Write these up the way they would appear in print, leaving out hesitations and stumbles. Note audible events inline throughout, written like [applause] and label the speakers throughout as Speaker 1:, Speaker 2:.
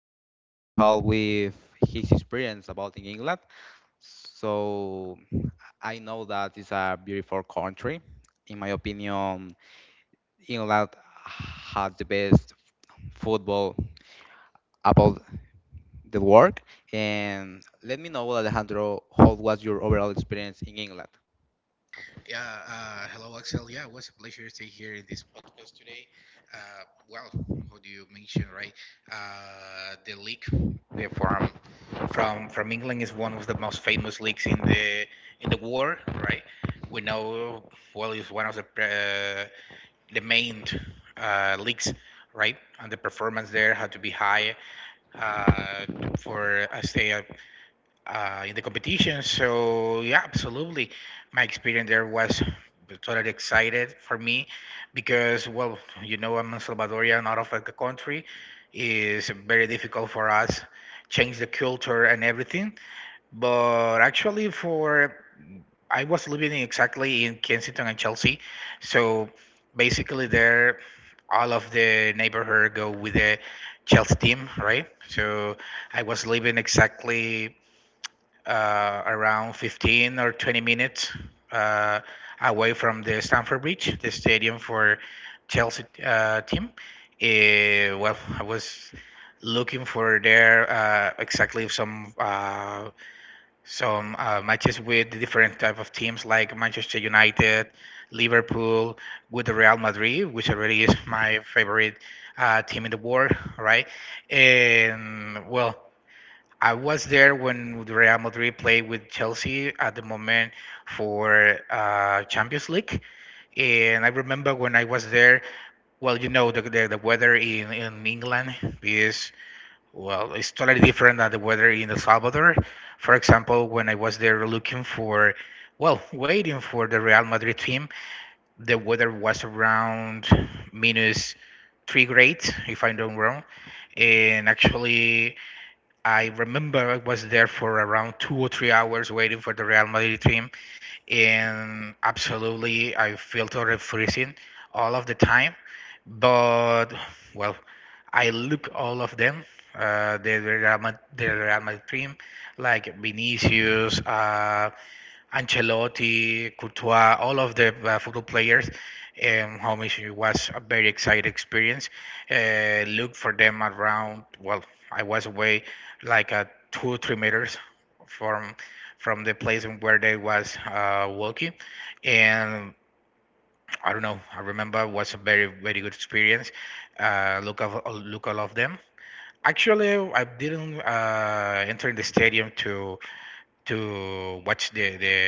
Speaker 1: we are going to talk with his experience about in England. So I know that it's a beautiful country. In my opinion, England has the best football about the work. And let me know, Alejandro, how was your overall experience in England?
Speaker 2: Yeah, hello, Axel. Yeah, it was a pleasure to here in this podcast today. Uh, well, how do you mention, right? The league the from England is one of the most famous leagues in the world, right? We know well it's one of the main leagues, right? And the performance there had to be high uh, for I say in the competition. So yeah, absolutely. My experience there was totally excited for me because well, you know, I'm a Salvadorian out of the country. It's very difficult for us change the culture and everything. But actually, for I was exactly in Kensington and Chelsea, so basically there. All of the neighborhood go with the Chelsea team, right? So I was living exactly around 15 or 20 minutes uh, away from the Stamford Bridge, the stadium for Chelsea team. Well, I was looking for there exactly some matches with different type of teams like Manchester United, Liverpool, with the Real Madrid, which already is [laughs] my favorite team in the world, right? And well, I was there when Real Madrid played with Chelsea at the moment for Champions League, and I remember when I was there. Well, you know the weather in England is well, it's totally different than the weather in El Salvador. For example, when I was there looking for, well, waiting for the Real Madrid team, the weather was around minus three grades, if I'm not wrong, and actually I remember I was there for around 2 or 3 hours waiting for the Real Madrid team, and absolutely I felt already freezing all of the time. But well, I look all of them, the Real Madrid team, like Vinicius, Ancelotti, Courtois, all of the football players. Homage, it was a very exciting experience. Look for them around. Well, I was away like 2 3 meters from from the place where they was walking, and I don't know. I remember it was a very very good experience. Look all of them. Actually, I didn't enter the stadium to watch the the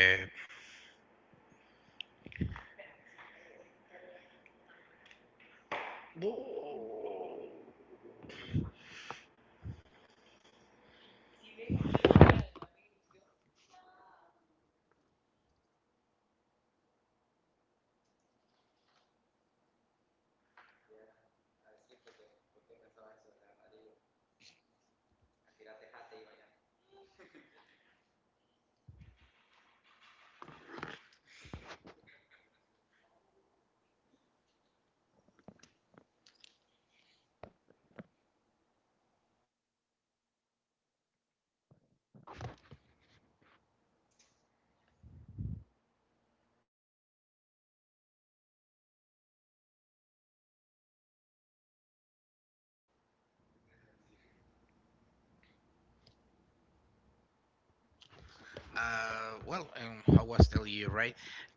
Speaker 2: Uh, well, um, how was the year, right?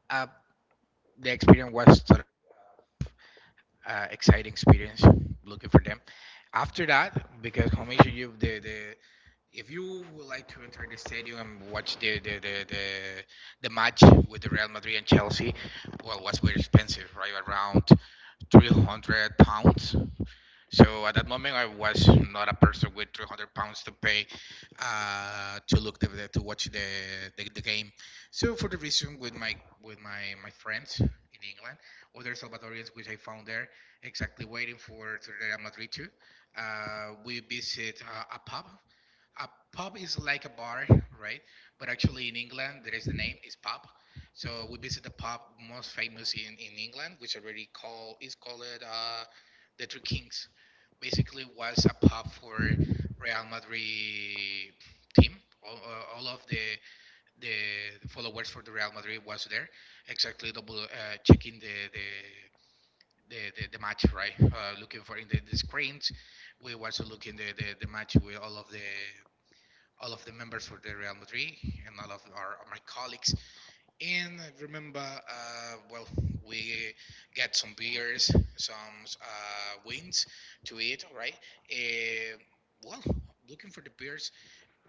Speaker 2: Uh, the experience was sort of exciting experience. Looking for them. After that, because how much you, the if you would like to enter the stadium and watch the match with the Real Madrid and Chelsea, well, it was very expensive, right? Around £300. So at that moment, I was not a person with 300 pounds to pay to look to watch the game. So for the reason with my with my friends in England, other Salvadorians which I found there, exactly waiting for to Real Madrid too. We visit a pub is like a bar, right? But actually, in England, there is the name is pub. So we visit the pub most famous in England, which already call is called the Three Kings. Basically, was a pub for Real Madrid team. All of the followers for the Real Madrid was there, exactly double checking the, the, the match, right? Looking for in the screens. We was looking the match with all of the members for the Real Madrid and all of our my colleagues. And I remember, well, we get some beers, some wings to eat, right? Uh, well, looking for the beers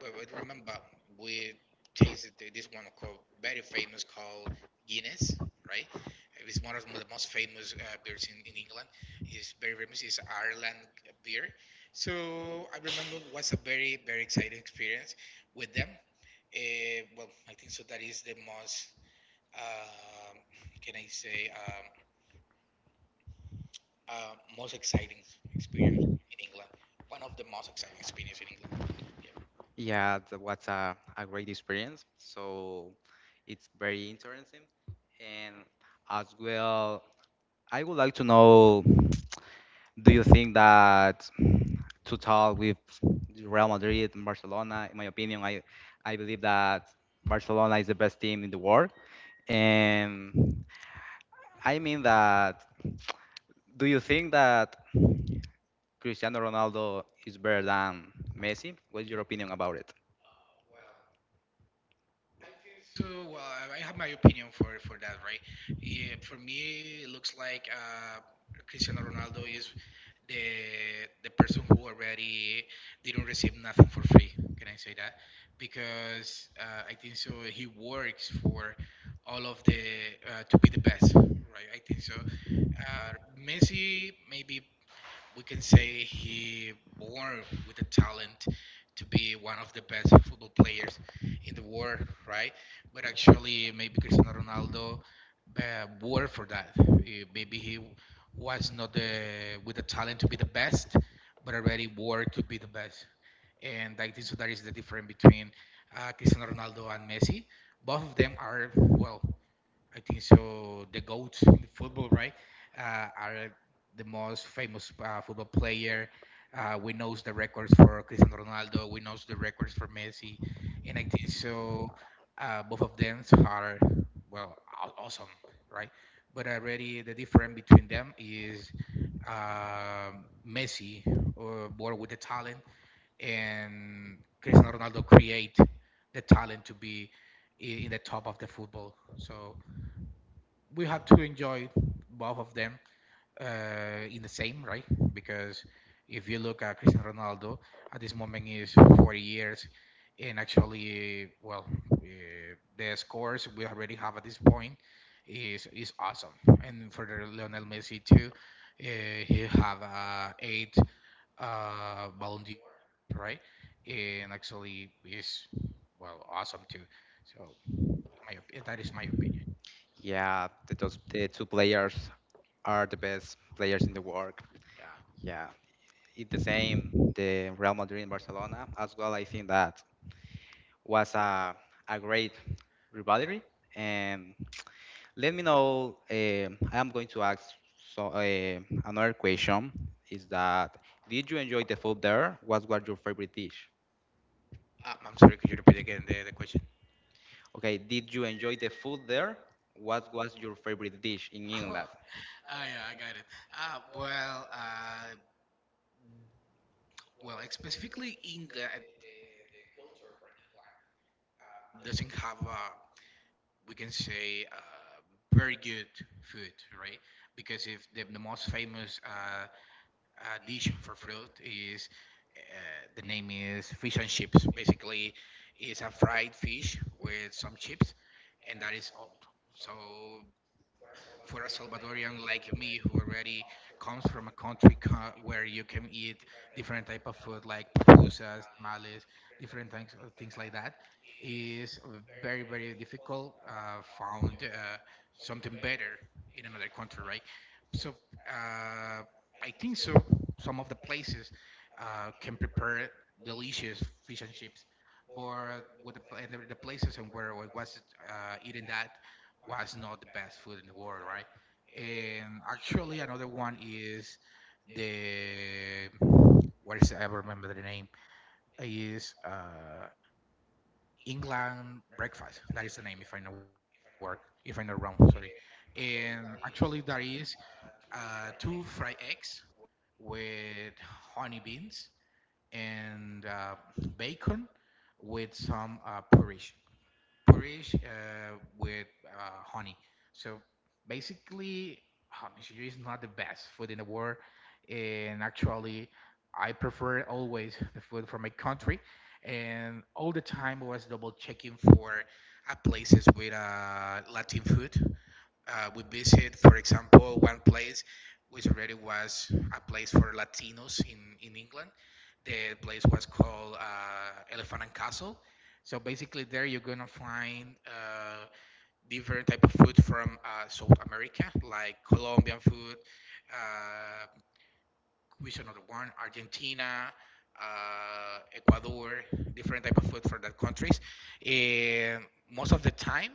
Speaker 2: well, I remember we tasted this one called very famous called Guinness, right? It's one of the most famous beers in England. It's very famous. It's Ireland beer. So I remember it was a very very exciting experience with them. Well, I think so. That is the most um can I say most exciting experience in England. One of the most exciting experiences in England. Yeah.
Speaker 1: Yeah, that was a great experience. So it's very interesting. And as well, I would like to know, do you think that to talk with Real Madrid and Barcelona, in my opinion, I believe that Barcelona is the best team in the world. And I mean that, do you think that Cristiano Ronaldo is better than Messi? What's your opinion about it?
Speaker 2: To well, I have my opinion for that, right? Yeah, for me, it looks like Cristiano Ronaldo is the person who already didn't receive nothing for free. Can I say that? Because I think so. He works for all of the to be the best, right? I think so. Messi maybe we can say he born with the talent to be one of the best football players in the world, right? But actually, maybe Cristiano Ronaldo worked for that. Maybe he was not the, with the talent to be the best, but already worked to be the best. And I think so that is the difference between Cristiano Ronaldo and Messi. Both of them are well. I think so. The goats in the football, right, are the most famous football player. We knows the records for Cristiano Ronaldo. We knows the records for Messi, and I think so. Both of them are well awesome, right? But already the difference between them is Messi, born with the talent, and Cristiano Ronaldo create the talent to be in the top of the football. So we have to enjoy both of them in the same right because if you look at Cristiano Ronaldo at this moment is 40 years and actually well uh, the scores we already have at this point is awesome and for the Lionel Messi too he have eight Ballon d'Or right and actually is well awesome too so my, that is my opinion.
Speaker 1: Yeah, the two players are the best players in the world.
Speaker 2: Yeah.
Speaker 1: Yeah, it's the same, the Real Madrid and Barcelona as well. I think that was a great rivalry. And let me know. I am going to ask so uh, another question. Is that did you enjoy the food there? What was your favorite dish?
Speaker 2: I'm sorry, could you repeat again the question?
Speaker 1: Okay, did you enjoy the food there? What was your favorite dish in England?
Speaker 2: Oh, [laughs] ah, yeah, I got it. Uh, well, uh, well, like, specifically, Inga doesn't have a, we can say, very good food, right? Because if the, the most famous dish for fruit is the name is fish and chips. Basically, it's a fried fish with some chips, and that is all. So, for a Salvadorian like me, who already comes from a country where you can eat different type of food like pupusas, tamales, different things, things like that, is very very difficult. Found something better in another country, right? So. Uh, I think so. Some of the places can prepare delicious fish and chips, but with the places and where I was eating that was not the best food in the world, right? And actually, another one is the what is I remember the name is England breakfast. That is the name, if I know work, if I know wrong, sorry. And actually, there is two fried eggs with honey beans and bacon with some porridge. Porridge with honey. So basically, honey sugar is not the best food in the world. And actually, I prefer always the food from my country. And all the time, I was double checking for places with Latin food we visit, for example, one place which already was a place for Latinos in England. The place was called Elephant and Castle. So basically, there you're gonna find different type of food from South America, like Colombian food, uh, Cuisine of one: Argentina, Ecuador, different type of food for that countries. And most of the time,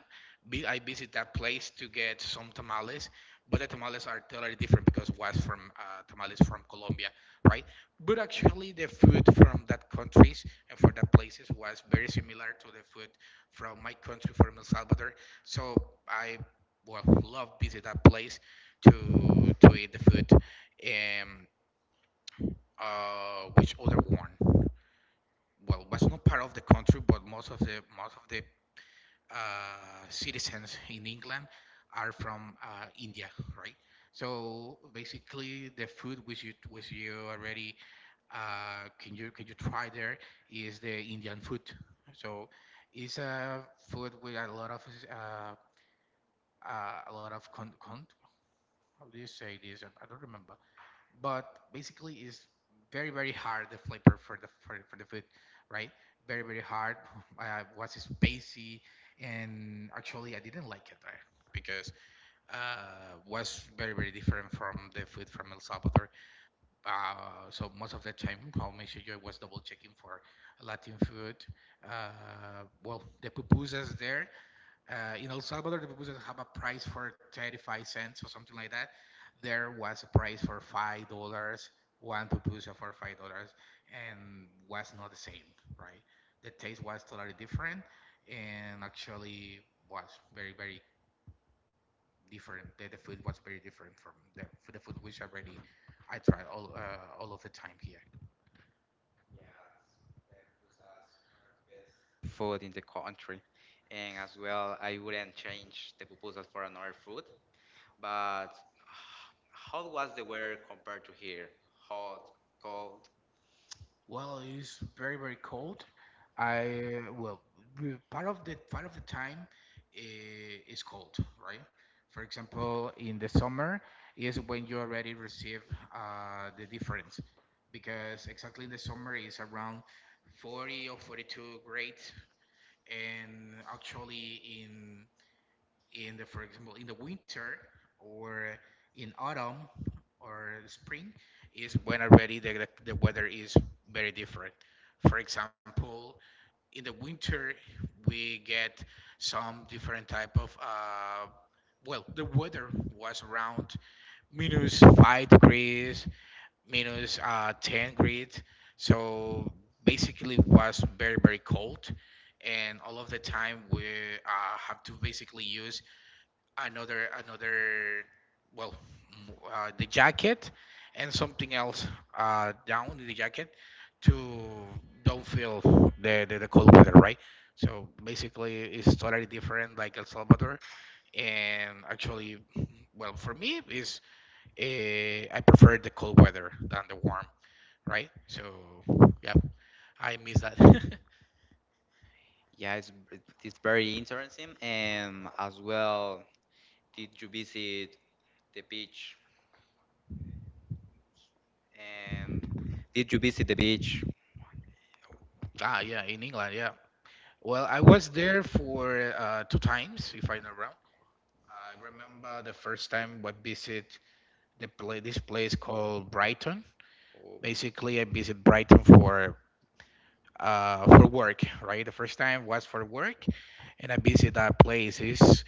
Speaker 2: I visit that place to get some tamales, but the tamales are totally different because it was from tamales from Colombia, right? But actually, the food from that countries and for that places was very similar to the food from my country, from El Salvador. So I well love visit that place to eat the food. Um, which other one? Well, was not part of the country, but most of the citizens in England are from India, right? So basically, the food which you already can you try there is the Indian food. So it's a food with uh, a lot of con, con how do you say this? I don't remember. But basically it's very very hard the flavor for the for the food right very very hard [laughs] was spicy and actually I didn't like it right? Because was very very different from the food from El Salvador, so most of the time I'll make sure I was double checking for Latin food. The pupusas there in El Salvador, the pupusas have a price for 35 cents or something like that. There was a price for $5, one pupusa for $5, and was not the same, right? The taste was totally different, and actually was very, very different. The food was very different from the food which already I tried all of the time here.
Speaker 1: Food in the country, and as well, I wouldn't change the proposal for another food. But [sighs] how was the weather compared to here? Hot, cold?
Speaker 2: Well, it's very very cold. I well, w- part of the time is cold, right? For example, in the summer is when you already receive the difference, because exactly in the summer is around 40 or 42 grades, and actually in the for example in the winter or in autumn or spring is when already the weather is very different. For example, in the winter we get some different type of well the weather was around minus 5 degrees minus 10 degrees. So basically it was very very cold, and all of the time we have to basically use another well the jacket and something else down the jacket to don't feel the cold weather, right? So basically it's totally different like El Salvador, and actually well for me is I prefer the cold weather than the warm, right? So yeah, I miss that. [laughs]
Speaker 1: Yeah, it's very interesting. And as well, did you visit the beach? And did you visit the beach?
Speaker 2: Ah yeah, in England. Yeah, well I was there for two times if I'm not wrong. I remember the first time I visit the pla this place called Brighton.
Speaker 1: Oh,
Speaker 2: Basically, I visit Brighton for for work, right? The first time was for work, and I visit that place. It's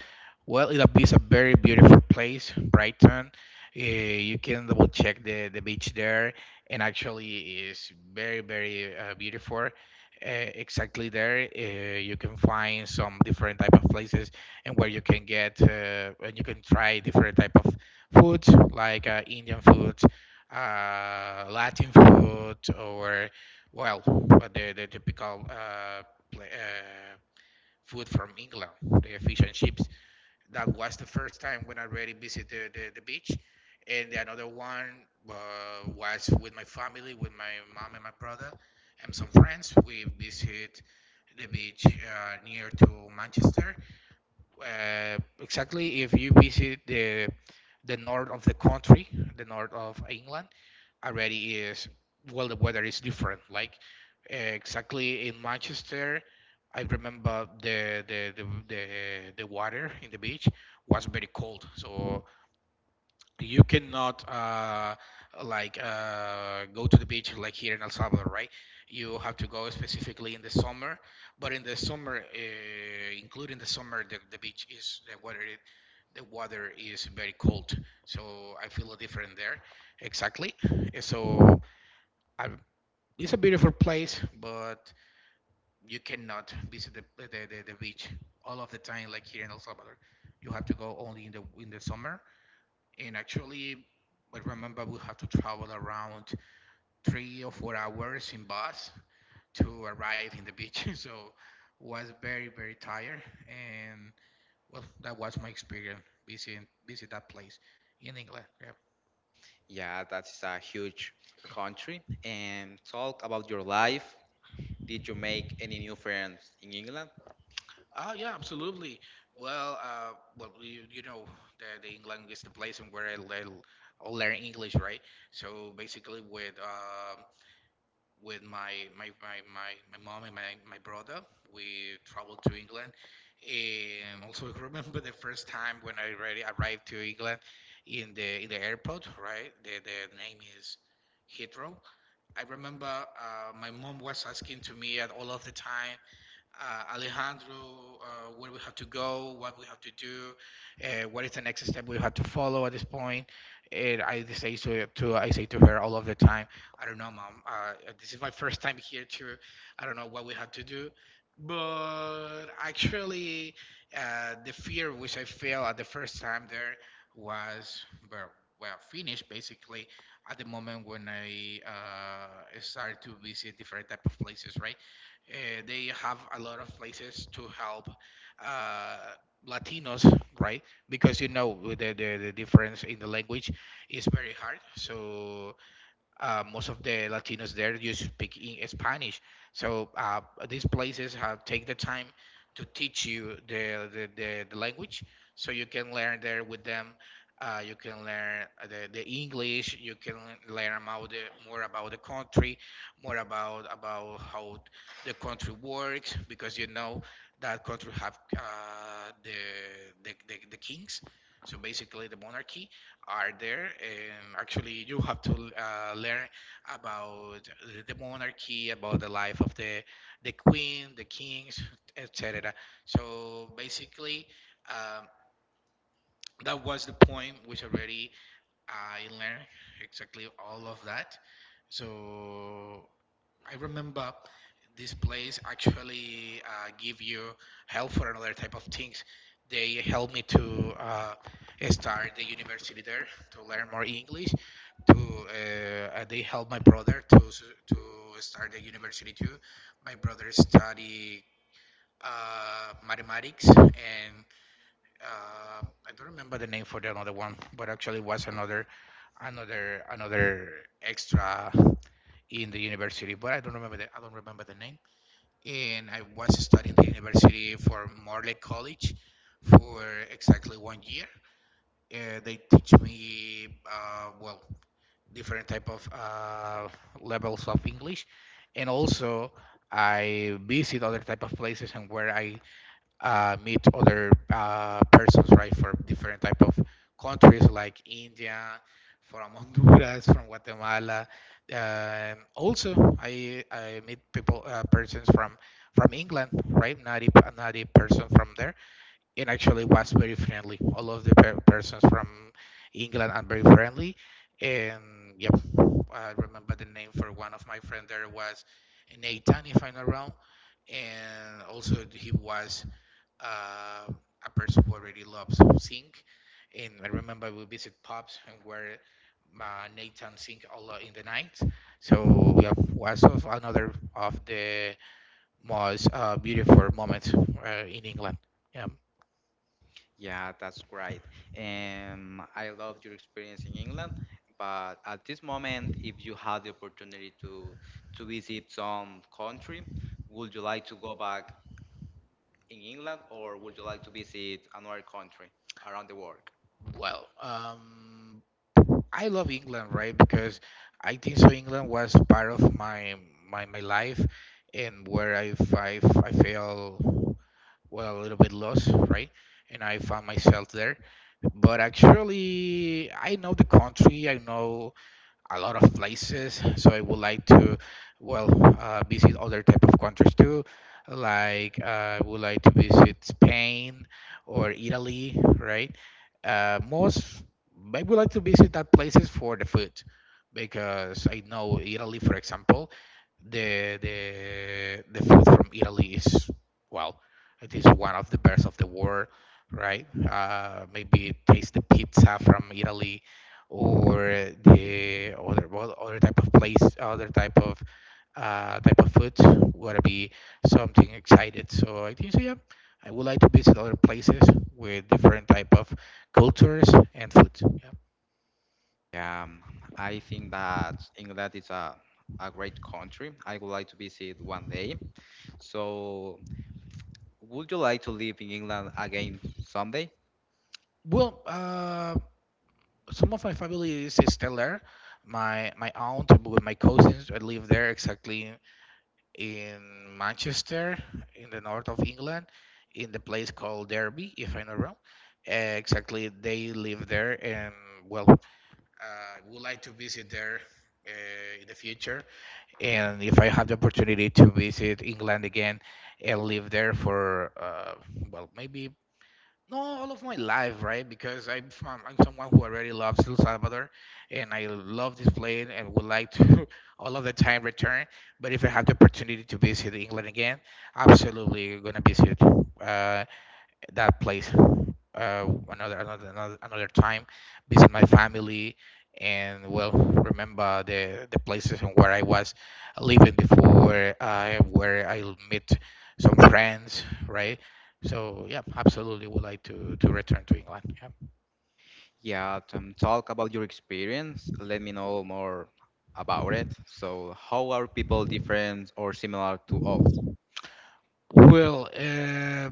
Speaker 2: well, it is a very beautiful place, Brighton. You can double check the beach there, and actually is very very beautiful. Exactly there, you can find some different type of places and where you can get and you can try different type of foods like Indian food, Latin food, or well, but the typical pla food from England, the fish and chips. That was the first time when I really visited the beach. And the another one uh, was with my family, with my mom and my brother and some friends. We visit the beach near to Manchester. Exactly if you visit the north of the country, the north of England, already is well the weather is different. Like exactly in Manchester, I remember the water in the beach was very cold. So you cannot like go to the beach like here in El Salvador, right? You have to go specifically in the summer. But in the summer, including the summer, the beach is the water. The water is very cold, so I feel a different there. Exactly. I, it's a beautiful place, but you cannot visit the beach all of the time like here in El Salvador. You have to go only in the summer. And actually I remember we have to travel around 3 or 4 hours in bus to arrive in the beach. [laughs] So was very very tired, and well, that was my experience visiting visit that place in England. Yeah.
Speaker 1: yeah, that's a huge country. And talk about your life. Did you make any new friends in England?
Speaker 2: Ah, yeah, absolutely. Well, well, you know that the England is the place where I learn English, right? So basically, with my mom and my brother. We traveled to England. And also [laughs] I remember the first time when I already arrived to England in the airport, right? The name is Heathrow. I remember my mom was asking to me at all of the time, Alejandro, where we have to go, what we have to do, what is the next step we have to follow at this point. And I say to I say to her all of the time, I don't know, mom. This is my first time here too. I don't know what we have to do. But actually, the fear which I felt at the first time there was well, well finished basically at the moment when I started to visit different type of places, right? They have a lot of places to help uh, Latinos, right? Because you know the difference in the language is very hard. So most of the Latinos there just speak in Spanish. So these places have take the time to teach you the, language, so you can learn there with them. You can learn the English. You can learn about the more about the country, more about how the country works, because you know that country have the the kings. So basically, the monarchy are there, and actually you have to learn about the monarchy, about the life of the queen, the kings, etc. So basically, um, that was the point which already I learned exactly all of that. So I remember this place actually give you help for another type of things. They helped me to start the university there to learn more English. To They helped my brother to start the university too. My brother study mathematics and uh, I don't remember the name for the another one, but actually was another extra in the university, but I don't remember the I don't remember the name. And I was studying the university for Morley College for exactly one year. They teach me well different type of levels of English, and also I visit other type of places and where I meet other persons, right, from different type of countries like India, from [laughs] Honduras, from Guatemala. Also, I meet people, persons from England, right, native a native person from there, and actually was very friendly. All of the persons from England are very friendly, and yep, I remember the name for one of my friend there was Nathan, if I'm not wrong, and also he was uh, a person who already loves sing. And I remember we visit pubs and where Nathan sing a lot in the night. So we have was of another of the most beautiful moments in England. Yeah.
Speaker 1: Yeah, that's great. And I love your experience in England. But at this moment, if you had the opportunity to visit some country, would you like to go back in England, or would you like to visit another country around the world?
Speaker 2: Well, I love England, right? Because I think so. England was part of my, life, and where I feel well a little bit lost, right? And I found myself there. But actually, I know the country. I know a lot of places. So I would like to, well, visit other type of countries too. Like I would like to visit Spain or Italy, right? Most I would like to visit that places for the food because I know Italy, for example, the food from Italy is well, it is one of the best of the world, right? Maybe taste the pizza from Italy, or the other well, other type of place, other type of food would be something excited. So I think so. Yeah, I would like to visit other places with different type of cultures and food. Yeah.
Speaker 1: Um, I think that England is a great country. I would like to visit one day. So, would you like to live in England again someday?
Speaker 2: Well, some of my family is still there. My aunt with my cousins, I live there exactly in Manchester, in the north of England, in the place called Derby, if I'm not wrong. Exactly, they live there, and well, I would like to visit there in the future. And if I have the opportunity to visit England again and live there for, well, maybe no, all of my life, right? Because I'm from, I'm someone who already loves El Salvador, and I love this place and would like to [laughs] all of the time return. But if I have the opportunity to visit England again, absolutely gonna visit. Uh, that place another another time, visit my family, and well remember the places and where I was living before, where I'll meet some friends, right? So yeah, absolutely would like to return to England. Yeah.
Speaker 1: Yeah, talk about your experience. Let me know more about it. So, how are people different or similar to us?
Speaker 2: Well,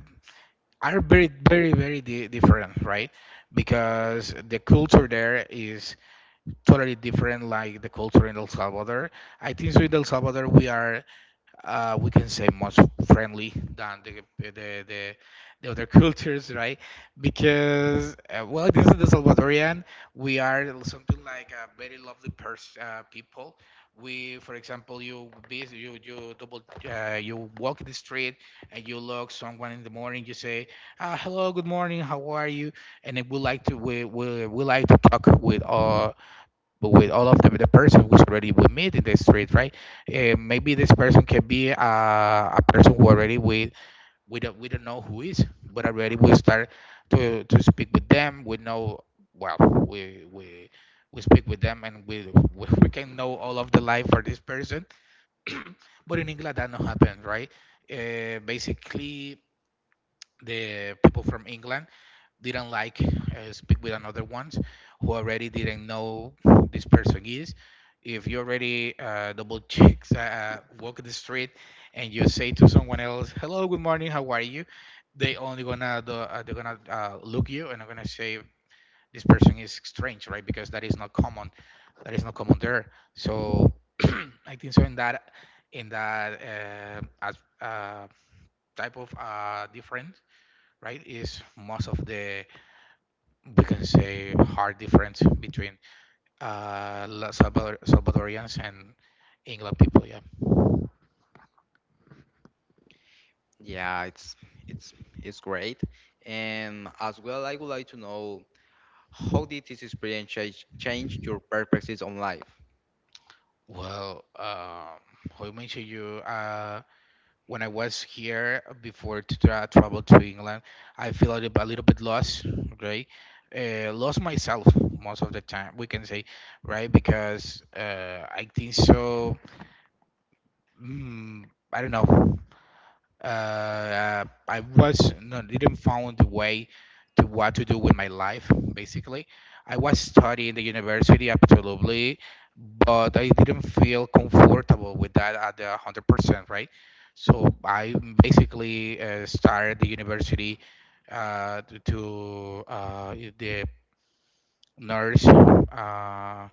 Speaker 2: are very different, right? Because the culture there is totally different, like the culture in El Salvador. I think so in El Salvador we are we can say much friendly than the the other [laughs] cultures, right? Because well, this is the Salvadorian. We are something like a very lovely people. We, for example, you double you walk in the street and you look someone in the morning. You say, "Hello, good morning. How are you?" And then we like to we like to talk with but with all of the, person who's already we meet in the street, right? Maybe this person can be a person who already we don't know who is, but already we start to speak with them. We know. Well, we we we speak with them, and we can know all of the life for this person. But in England that not happen, right? Basically, the people from England didn't like speak with another ones who already didn't know who this person is. If you already double check, walk the street, and you say to someone else, "Hello, good morning, how are you?" They only gonna do, they're gonna look you and are gonna say this person is strange, right? Because that is not common. That is not common there. So [clears throat] I think so in that as uh, type of different, right? Is most of the, we can say, hard difference between Salvador, Salvadorians and England people. Yeah.
Speaker 1: Yeah, it's it's great. And as well, I would like to know, how did this experience change your perspectives on life?
Speaker 2: Well, um, how you mentioned you when I was here before to travel to England, I feel a little bit lost, right? Lost myself most of the time, we can say, right, because I think so. Mm, I don't know. I was, no, didn't found the way to what to do with my life. Basically, I was studying the university absolutely, but I didn't feel comfortable with that at the 100%, right? So I basically started the university to the nurse,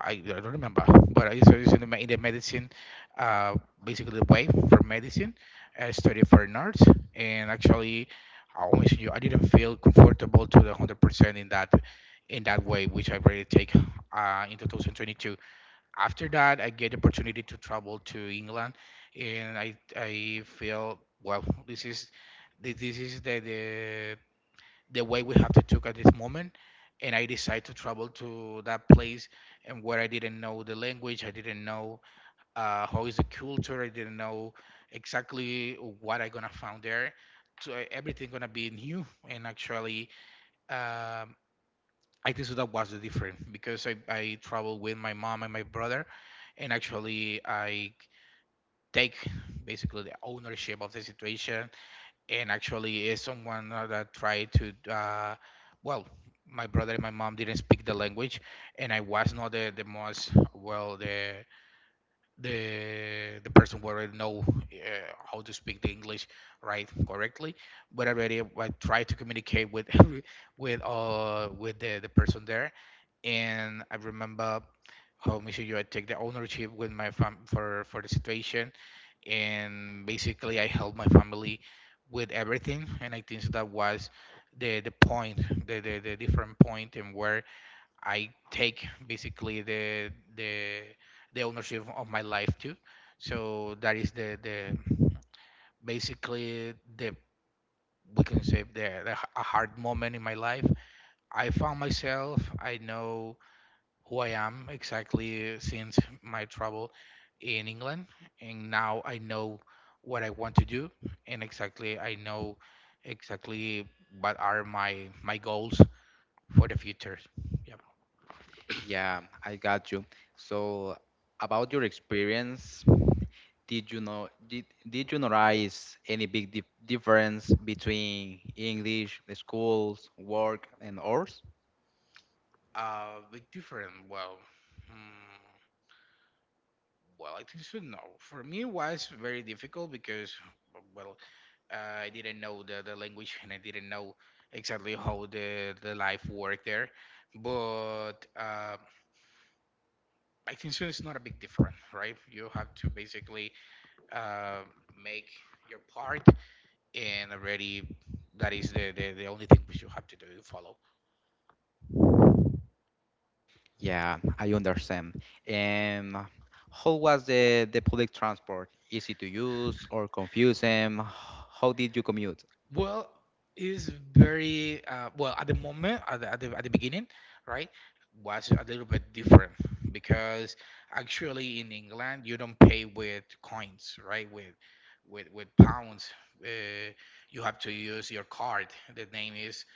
Speaker 2: I don't remember, but I used to use in in the medicine, uh, basically the wife for medicine. I studied for an art, and actually, I always knew I didn't feel comfortable to the 100% in that way, which I really take in 2022. After that, I get the opportunity to travel to England, and I feel, well, this is the way we have to took at this moment, and I decided to travel to that place. And where I didn't know the language, I didn't know how is the culture, I didn't know exactly what I gonna found there, so everything gonna be new. And actually, um, I think so that was the difference, because I traveled with my mom and my brother, and actually I take basically the ownership of the situation. And actually is someone that tried to well, my brother and my mom didn't speak the language, and I was not the most, well, the person who already know how to speak the English right correctly. But already I tried to communicate with [laughs] with the person there, and I remember how Mr. Joy take the ownership with my fam for the situation. And basically I helped my family with everything, and I think that was the point, the different point, and where I take basically the the ownership of my life too. So that is the basically the, we can say, a hard moment in my life. I found myself. I know who I am exactly since my travel in England. And now I know what I want to do, and exactly I know exactly what are my goals for the future. Yeah.
Speaker 1: Yeah, I got you. So, about your experience, did you notice any big difference between English schools, work, and ours?
Speaker 2: Big different. Mm, well, I think so. No, for me it was very difficult because, well, I didn't know the language, and I didn't know exactly how the life worked there. But I think soon it's not a big difference, right? You have to basically uh, make your part, and already that is the only thing which you have to do to follow.
Speaker 1: Yeah, I understand. And how was the public transport? Easy to use or confusing? How did you commute?
Speaker 2: Well, is very well at the moment, at the beginning, right? Was a little bit different because actually in England you don't pay with coins, right? With pounds, uh, you have to use your card. The name is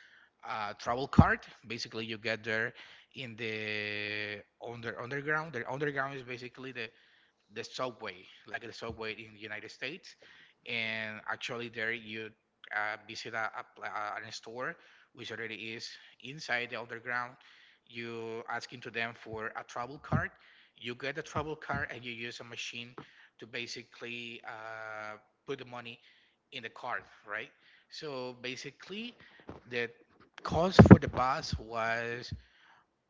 Speaker 2: a travel card. Basically, you get there in the underground. The underground is basically the subway, like the subway in the United States. And actually, there you visit a store which already is inside the underground. You asking to them for a travel card. You get a travel card, and you use a machine to basically put the money in the card, right? So basically, the cost for the bus was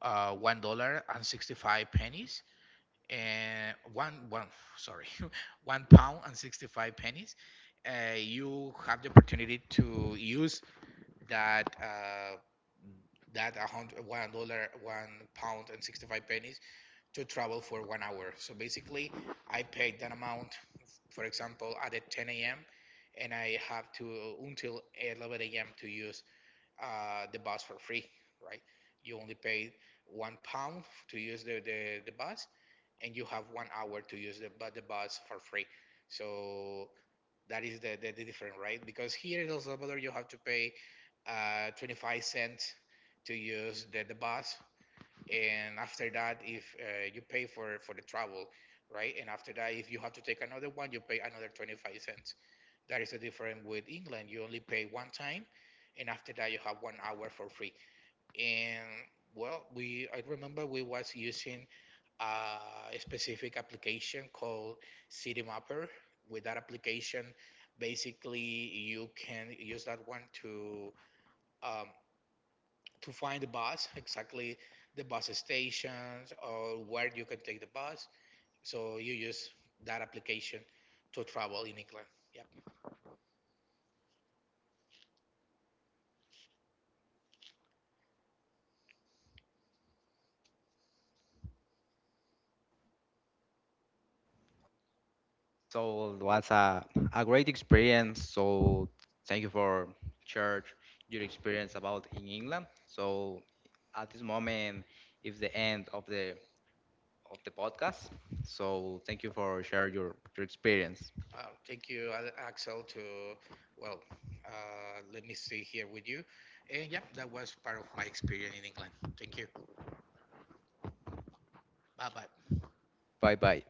Speaker 2: $1 and 65 pennies, one, one, sorry, [laughs] £1 and 65 pennies. You have the opportunity to use that that $101 £1 and 65 pennies to travel for one hour. So basically I paid that amount, for example, at the 10 a.m. and I have to until 11 a.m. to use the bus for free, right? You only pay £1 to use the bus, and you have one hour to use the bus for free. So that is the difference, right? Because here in El Salvador, you have to pay 25 cents to use the bus. And after that, if you pay for the travel, right? And after that, if you have to take another one, you pay another 25 cents. That is the difference with England. You only pay one time, and after that, you have one hour for free. And, well, we I remember we was using a specific application called City Mapper. With that application, basically you can use that one to um, find the bus, exactly the bus stations or where you can take the bus. So you use that application to travel in England. Yep.
Speaker 1: So it was a great experience. So thank you for share your experience about in England. So at this moment is the end of the podcast. So thank you for share your experience.
Speaker 2: Thank you, Axel. To, well, let me see here with you. And yeah, that was part of my experience in England. Thank you. Bye bye.
Speaker 1: Bye bye.